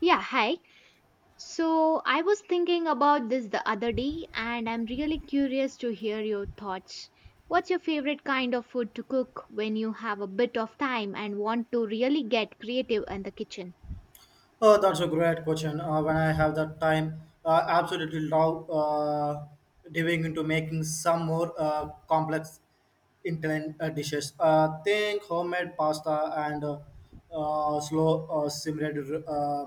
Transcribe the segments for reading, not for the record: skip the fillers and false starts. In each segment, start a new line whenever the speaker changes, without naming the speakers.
Yeah, hi. So I was thinking about this the other day and I'm really curious to hear your thoughts. What's your favorite kind of food to cook when you have a bit of time and want to really get creative in the kitchen?
Oh, that's a great question. When I have the time, I absolutely love diving into making some more complex Italian dishes. Think homemade pasta and slow simmered uh,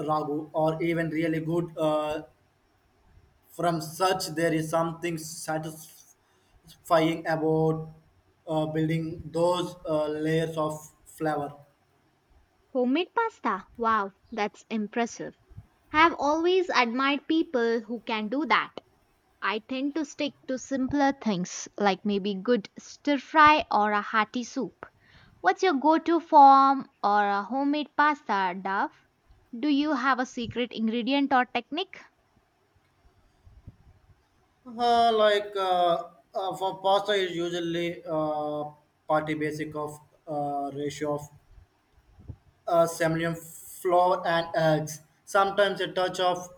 ragu, or even really good from such. There is something satisfying about building those layers of flavor.
Homemade pasta. Wow, that's impressive. I've always admired people who can do that. I tend to stick to simpler things like maybe good stir fry or a hearty soup. What's your go to form or a homemade pasta, Dove? Do you have a secret ingredient or technique?
Uh, like uh, for pasta is usually party basic of ratio of semolina flour and eggs. Sometimes a touch of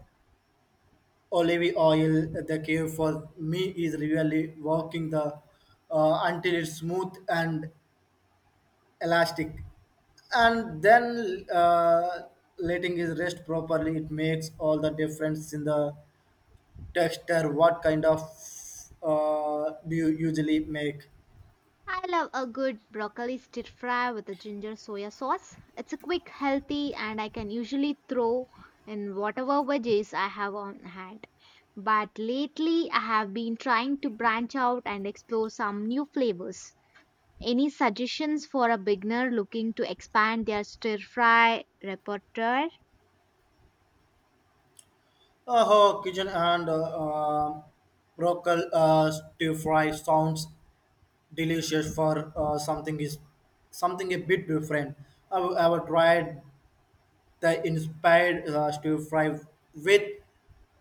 olive oil. The key for me is really working the until it's smooth and elastic, and then letting it rest properly. It makes all the difference in the texture. What kind of do you usually make?
I love a good broccoli stir fry with a ginger soya sauce. It's a quick, healthy, and I can usually throw in whatever veggies I have on hand. But lately, I have been trying to branch out and explore some new flavors. Any suggestions for a beginner looking to expand their stir fry repertoire?
Oh, kitchen and broccoli stir fry sounds delicious for something is something a bit different. I've tried that inspired stir fry with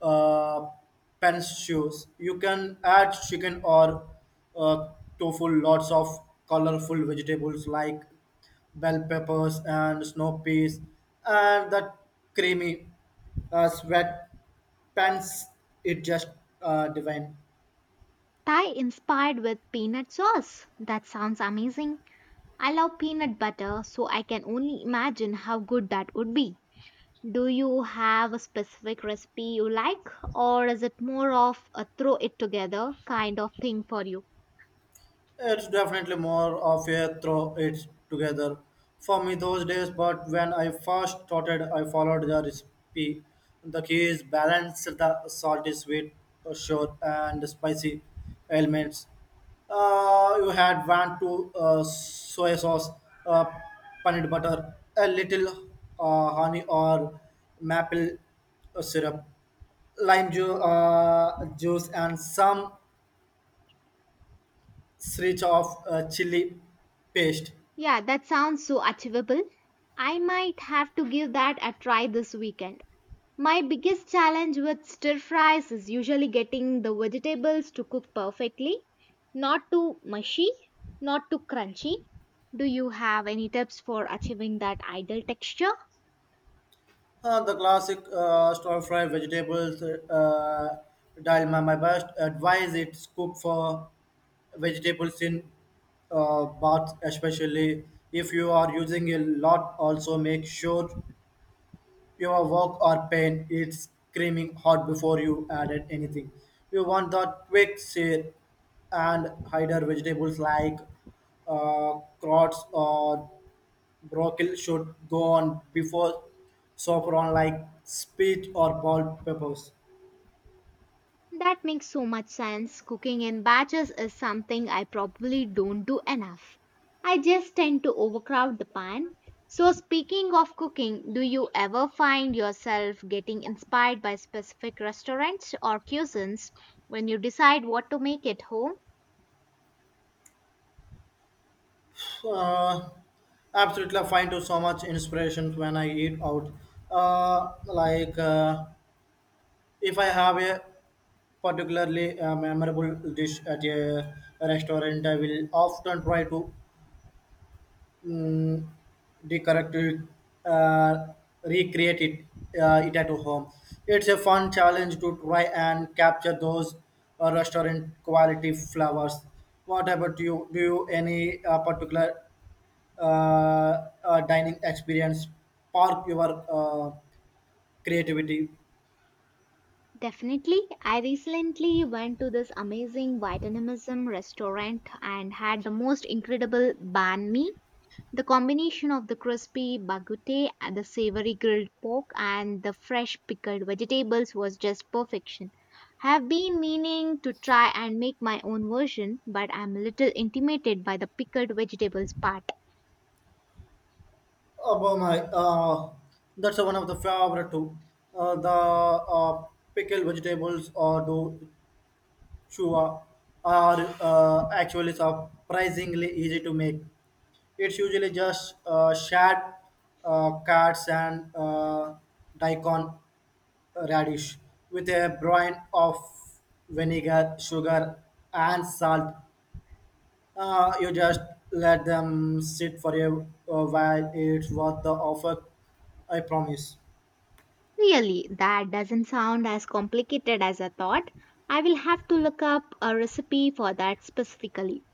uh, pan shoes. You can add chicken or uh, tofu, lots of colorful vegetables like bell peppers and snow peas, and that creamy sweat pans. It just divine.
Thai inspired with peanut sauce. That sounds amazing. I love peanut butter, so I can only imagine how good that would be. Do you have a specific recipe you like, or is it more of a throw it together kind of thing for you?
It's definitely more of a throw it together for me those days, but when I first started, I followed the recipe. The key is balance the salty, sweet, sour, and spicy elements. You had one to soy sauce, uh, peanut butter, a little honey or maple syrup, lime juice, and some sriracha of chili paste,
Yeah, that sounds so achievable. I might have to give that a try this weekend. My biggest challenge with stir fries is usually getting the vegetables to cook perfectly, not too mushy, not too crunchy. Do you have any tips for achieving that ideal texture?
the classic stir fry vegetables dalma. My best advice is cook for vegetables in baths, especially if you are using a lot. Also, make sure your wok or pan is screaming hot before you added anything. You want that quick sear and hide vegetables like carrots or broccoli should go on before sofron like speech or ball peppers.
That makes so much sense. Cooking in batches is something I probably don't do enough. I just tend to overcrowd the pan. So, speaking of cooking, do you ever find yourself getting inspired by specific restaurants or cuisines when you decide what to make at home?
Uh, Absolutely, I find too so much inspiration when I eat out. Uh, like uh, if I have a particularly memorable dish at a restaurant, I will often try to mm, decorate it, uh, recreate it, it at home. It's a fun challenge to try and capture those restaurant quality flowers. What about you? Do you any particular dining experience spark your creativity?
Definitely. I recently went to this amazing Vietnamese restaurant and had the most incredible banh mi. The combination of the crispy baguette, and the savory grilled pork, and the fresh pickled vegetables was just perfection. I have been meaning to try and make my own version, but I'm a little intimidated by the pickled vegetables part.
Oh my! That's one of the favorite too. The Pickled vegetables or do Shua are actually surprisingly easy to make. It's usually just shad, cards, and daikon radish with a brine of vinegar, sugar, and salt. You just let them sit for a while. It's worth the offer, I promise.
Really, that doesn't sound as complicated as I thought. I will have to look up a recipe for that specifically.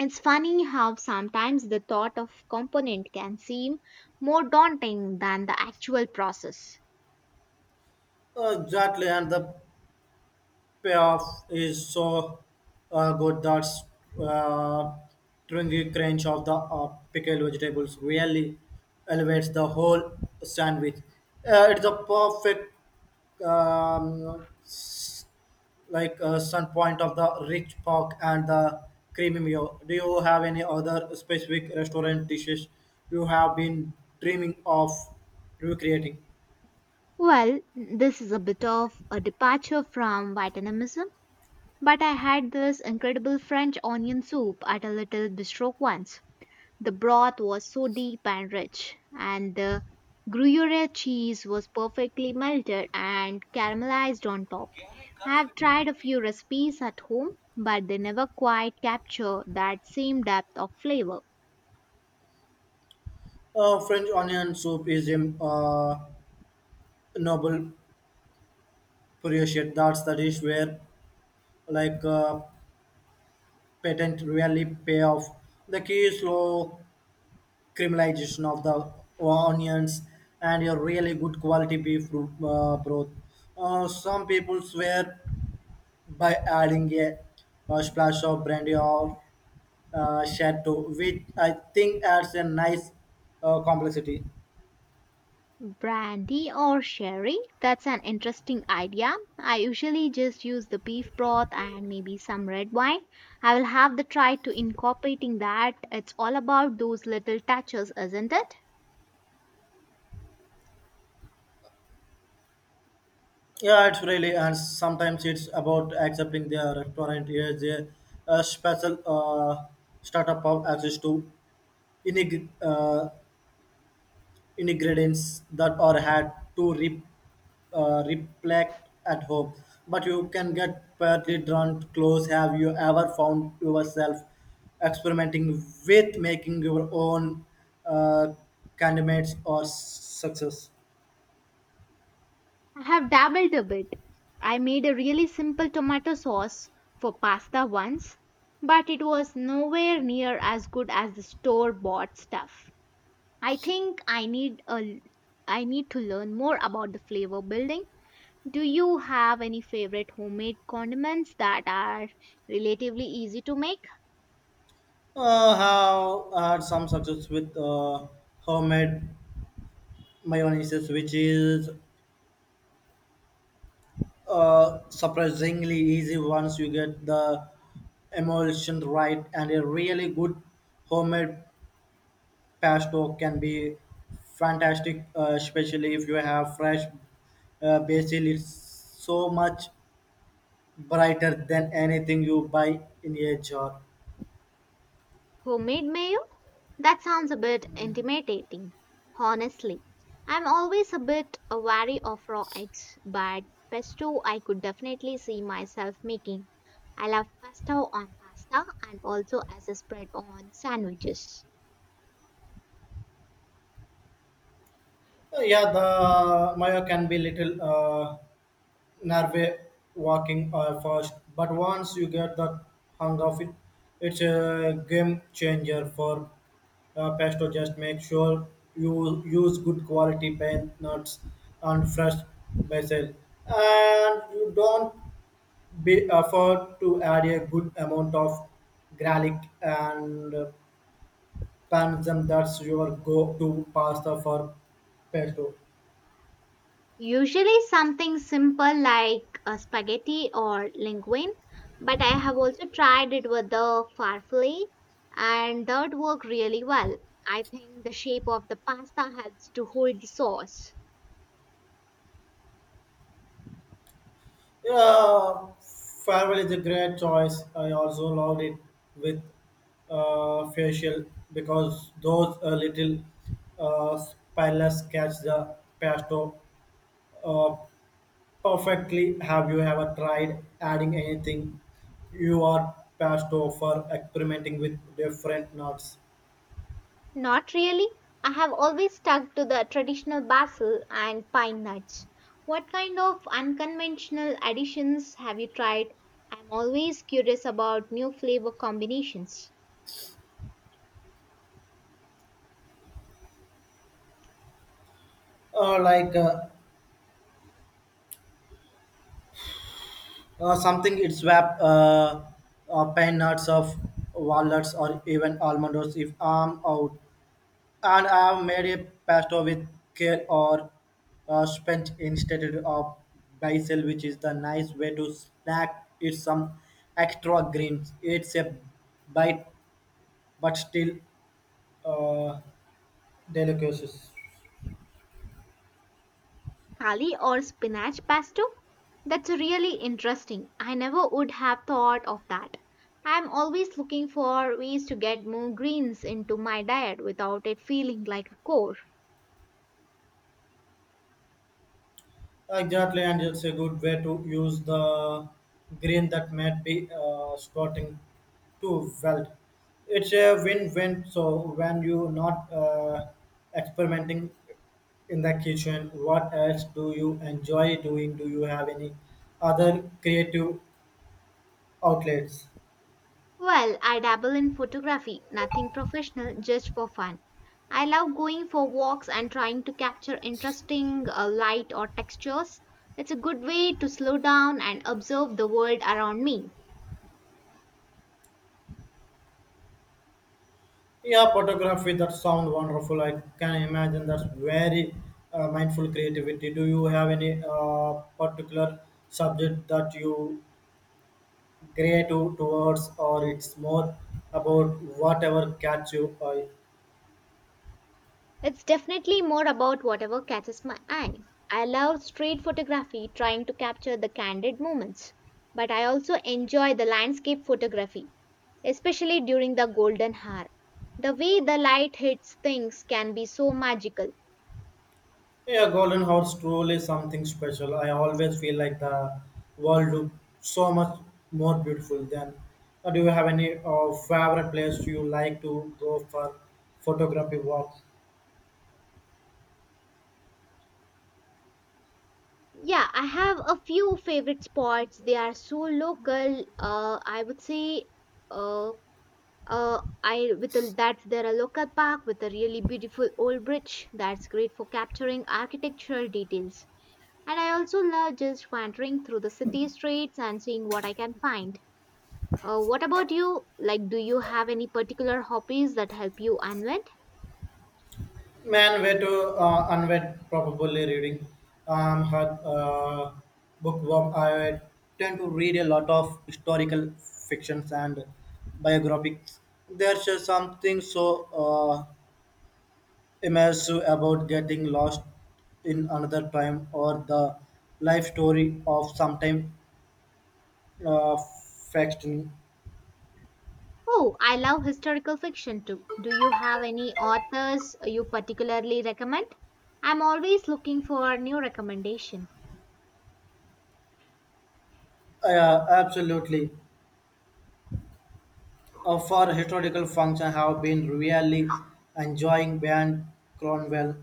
It's funny how sometimes the thought of component can seem more daunting than the actual process.
Exactly, and the payoff is so good that uh, stringy crunch of the pickled vegetables really elevates the whole sandwich. It's a perfect um, s- sun point of the rich pork and the creamy mayo. Do you have any other specific restaurant dishes you have been dreaming of recreating?
Well, this is a bit of a departure from Vietnamism, but I had this incredible French onion soup at a little bistro once. The broth was so deep and rich, and the Gruyere cheese was perfectly melted and caramelized on top. I have tried a few recipes at home, but they never quite capture that same depth of flavor.
French onion soup is a uh, noble curious yet that's the dish where like uh, patent really pay off. The key is slow caramelization of the onions and a really good quality beef broth. Some people swear by adding a splash of brandy or chateau, which I think adds a nice complexity.
Brandy or sherry? That's an interesting idea. I usually just use the beef broth and maybe some red wine. I will have the try to incorporating that. It's all about those little touches, isn't it?
Yeah, it's really, and sometimes it's about accepting their restaurant is a special startup of access to inig- uh, ingredients that are had to reflect at home. But you can get badly drawn close. Have you ever found yourself experimenting with making your own uh, candidates or success?
I have dabbled a bit. I made a really simple tomato sauce for pasta once, but it was nowhere near as good as the store bought stuff. I think I need to learn more about the flavor building. Do you have any favorite homemade condiments that are relatively easy to make?
Uh, have had some success with homemade my one is which is surprisingly easy once you get the emulsion right, and a really good homemade pasto can be fantastic especially if you have fresh basil. It's so much brighter than anything you buy in a jar.
Homemade mayo? That sounds a bit intimidating. Honestly, I'm always a bit wary of raw eggs, but pesto I could definitely see myself making. I love pesto on pasta and also as a spread on sandwiches.
Yeah, the mayo can be little Norway walking are fast, but once you get the hang of it, it's a game changer for pesto. Just make sure you use good quality pine nuts and fresh basil, and you don't be afford to add a good amount of garlic and parmesan. That's your go-to pasta for pesto.
Usually something simple like a spaghetti or linguine, but I have also tried it with the farfalle and that worked really well. I think the shape of the pasta helps to hold the sauce.
Yeah, Farewell is a great choice. I also loved it with facial because those little spirals catch the pesto uh, perfectly. Have you ever tried adding anything you are pesto for experimenting with different nuts?
Not really. I have always stuck to the traditional basil and pine nuts. What kind of unconventional additions have you tried? I'm always curious about new flavor combinations.
Uh, like uh, Something it's wrap pine nuts of walnuts or even almond nuts if I'm out, and I made a pasta with kale or spinach instead of basil, which is the nice way to snack it some extra greens. It's a bite, but still uh, delicious.
Kali or spinach pesto? That's really interesting. I never would have thought of that. I'm always looking for ways to get more greens into my diet without it feeling like a chore.
Exactly, and it's a good way to use the green that might be starting to weld. It's a win-win. So when you're not experimenting in the kitchen, what else do you enjoy doing? Do you have any other creative outlets?
Well, I dabble in photography, nothing professional, just for fun. I love going for walks and trying to capture interesting light or textures. It's a good way to slow down and observe the world around me.
Yeah, photography. That sounds wonderful. I can imagine that's very mindful creativity. Do you have any particular subject that you grey to towards, or it's more about whatever catch you eye.
It's definitely more about whatever catches my eye. I love street photography, trying to capture the candid moments, but I also enjoy the landscape photography, especially during the golden hour. The way the light hits things can be so magical.
Yeah, golden horse truly something special. I always feel like the world look so much more beautiful than. Do you have any favorite place you like to go for photography walk?
Yeah, I have a few favorite spots. They are so local. I would say, uh, I with a, that's there are local park with a really beautiful old bridge that's great for capturing architectural details. And I also love just wandering through the city streets and seeing what I can find. What about you? Do you have any particular hobbies that help you unwind?
Man, way to unwed, probably reading. Her bookworm. I tend to read a lot of historical fictions and biographies. There's just something so immersive about getting lost in another time or the life story of sometime uh, fascinating.
Oh, I love historical fiction too. Do you have any authors you particularly recommend? I'm always looking for new recommendation.
Yeah, absolutely. For historical function, I have been really enjoying Ben Cronwell.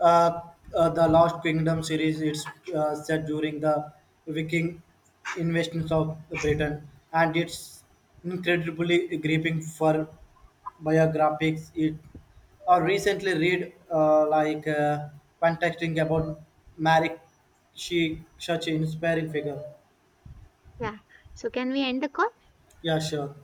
Uh, the Lost Kingdom series, it's set during the Viking invasions of Britain, and it's incredibly gripping. For biographies, it I recently read fantastic about Mary. She such an inspiring figure.
Yeah. So can we end the call?
Yeah, sure.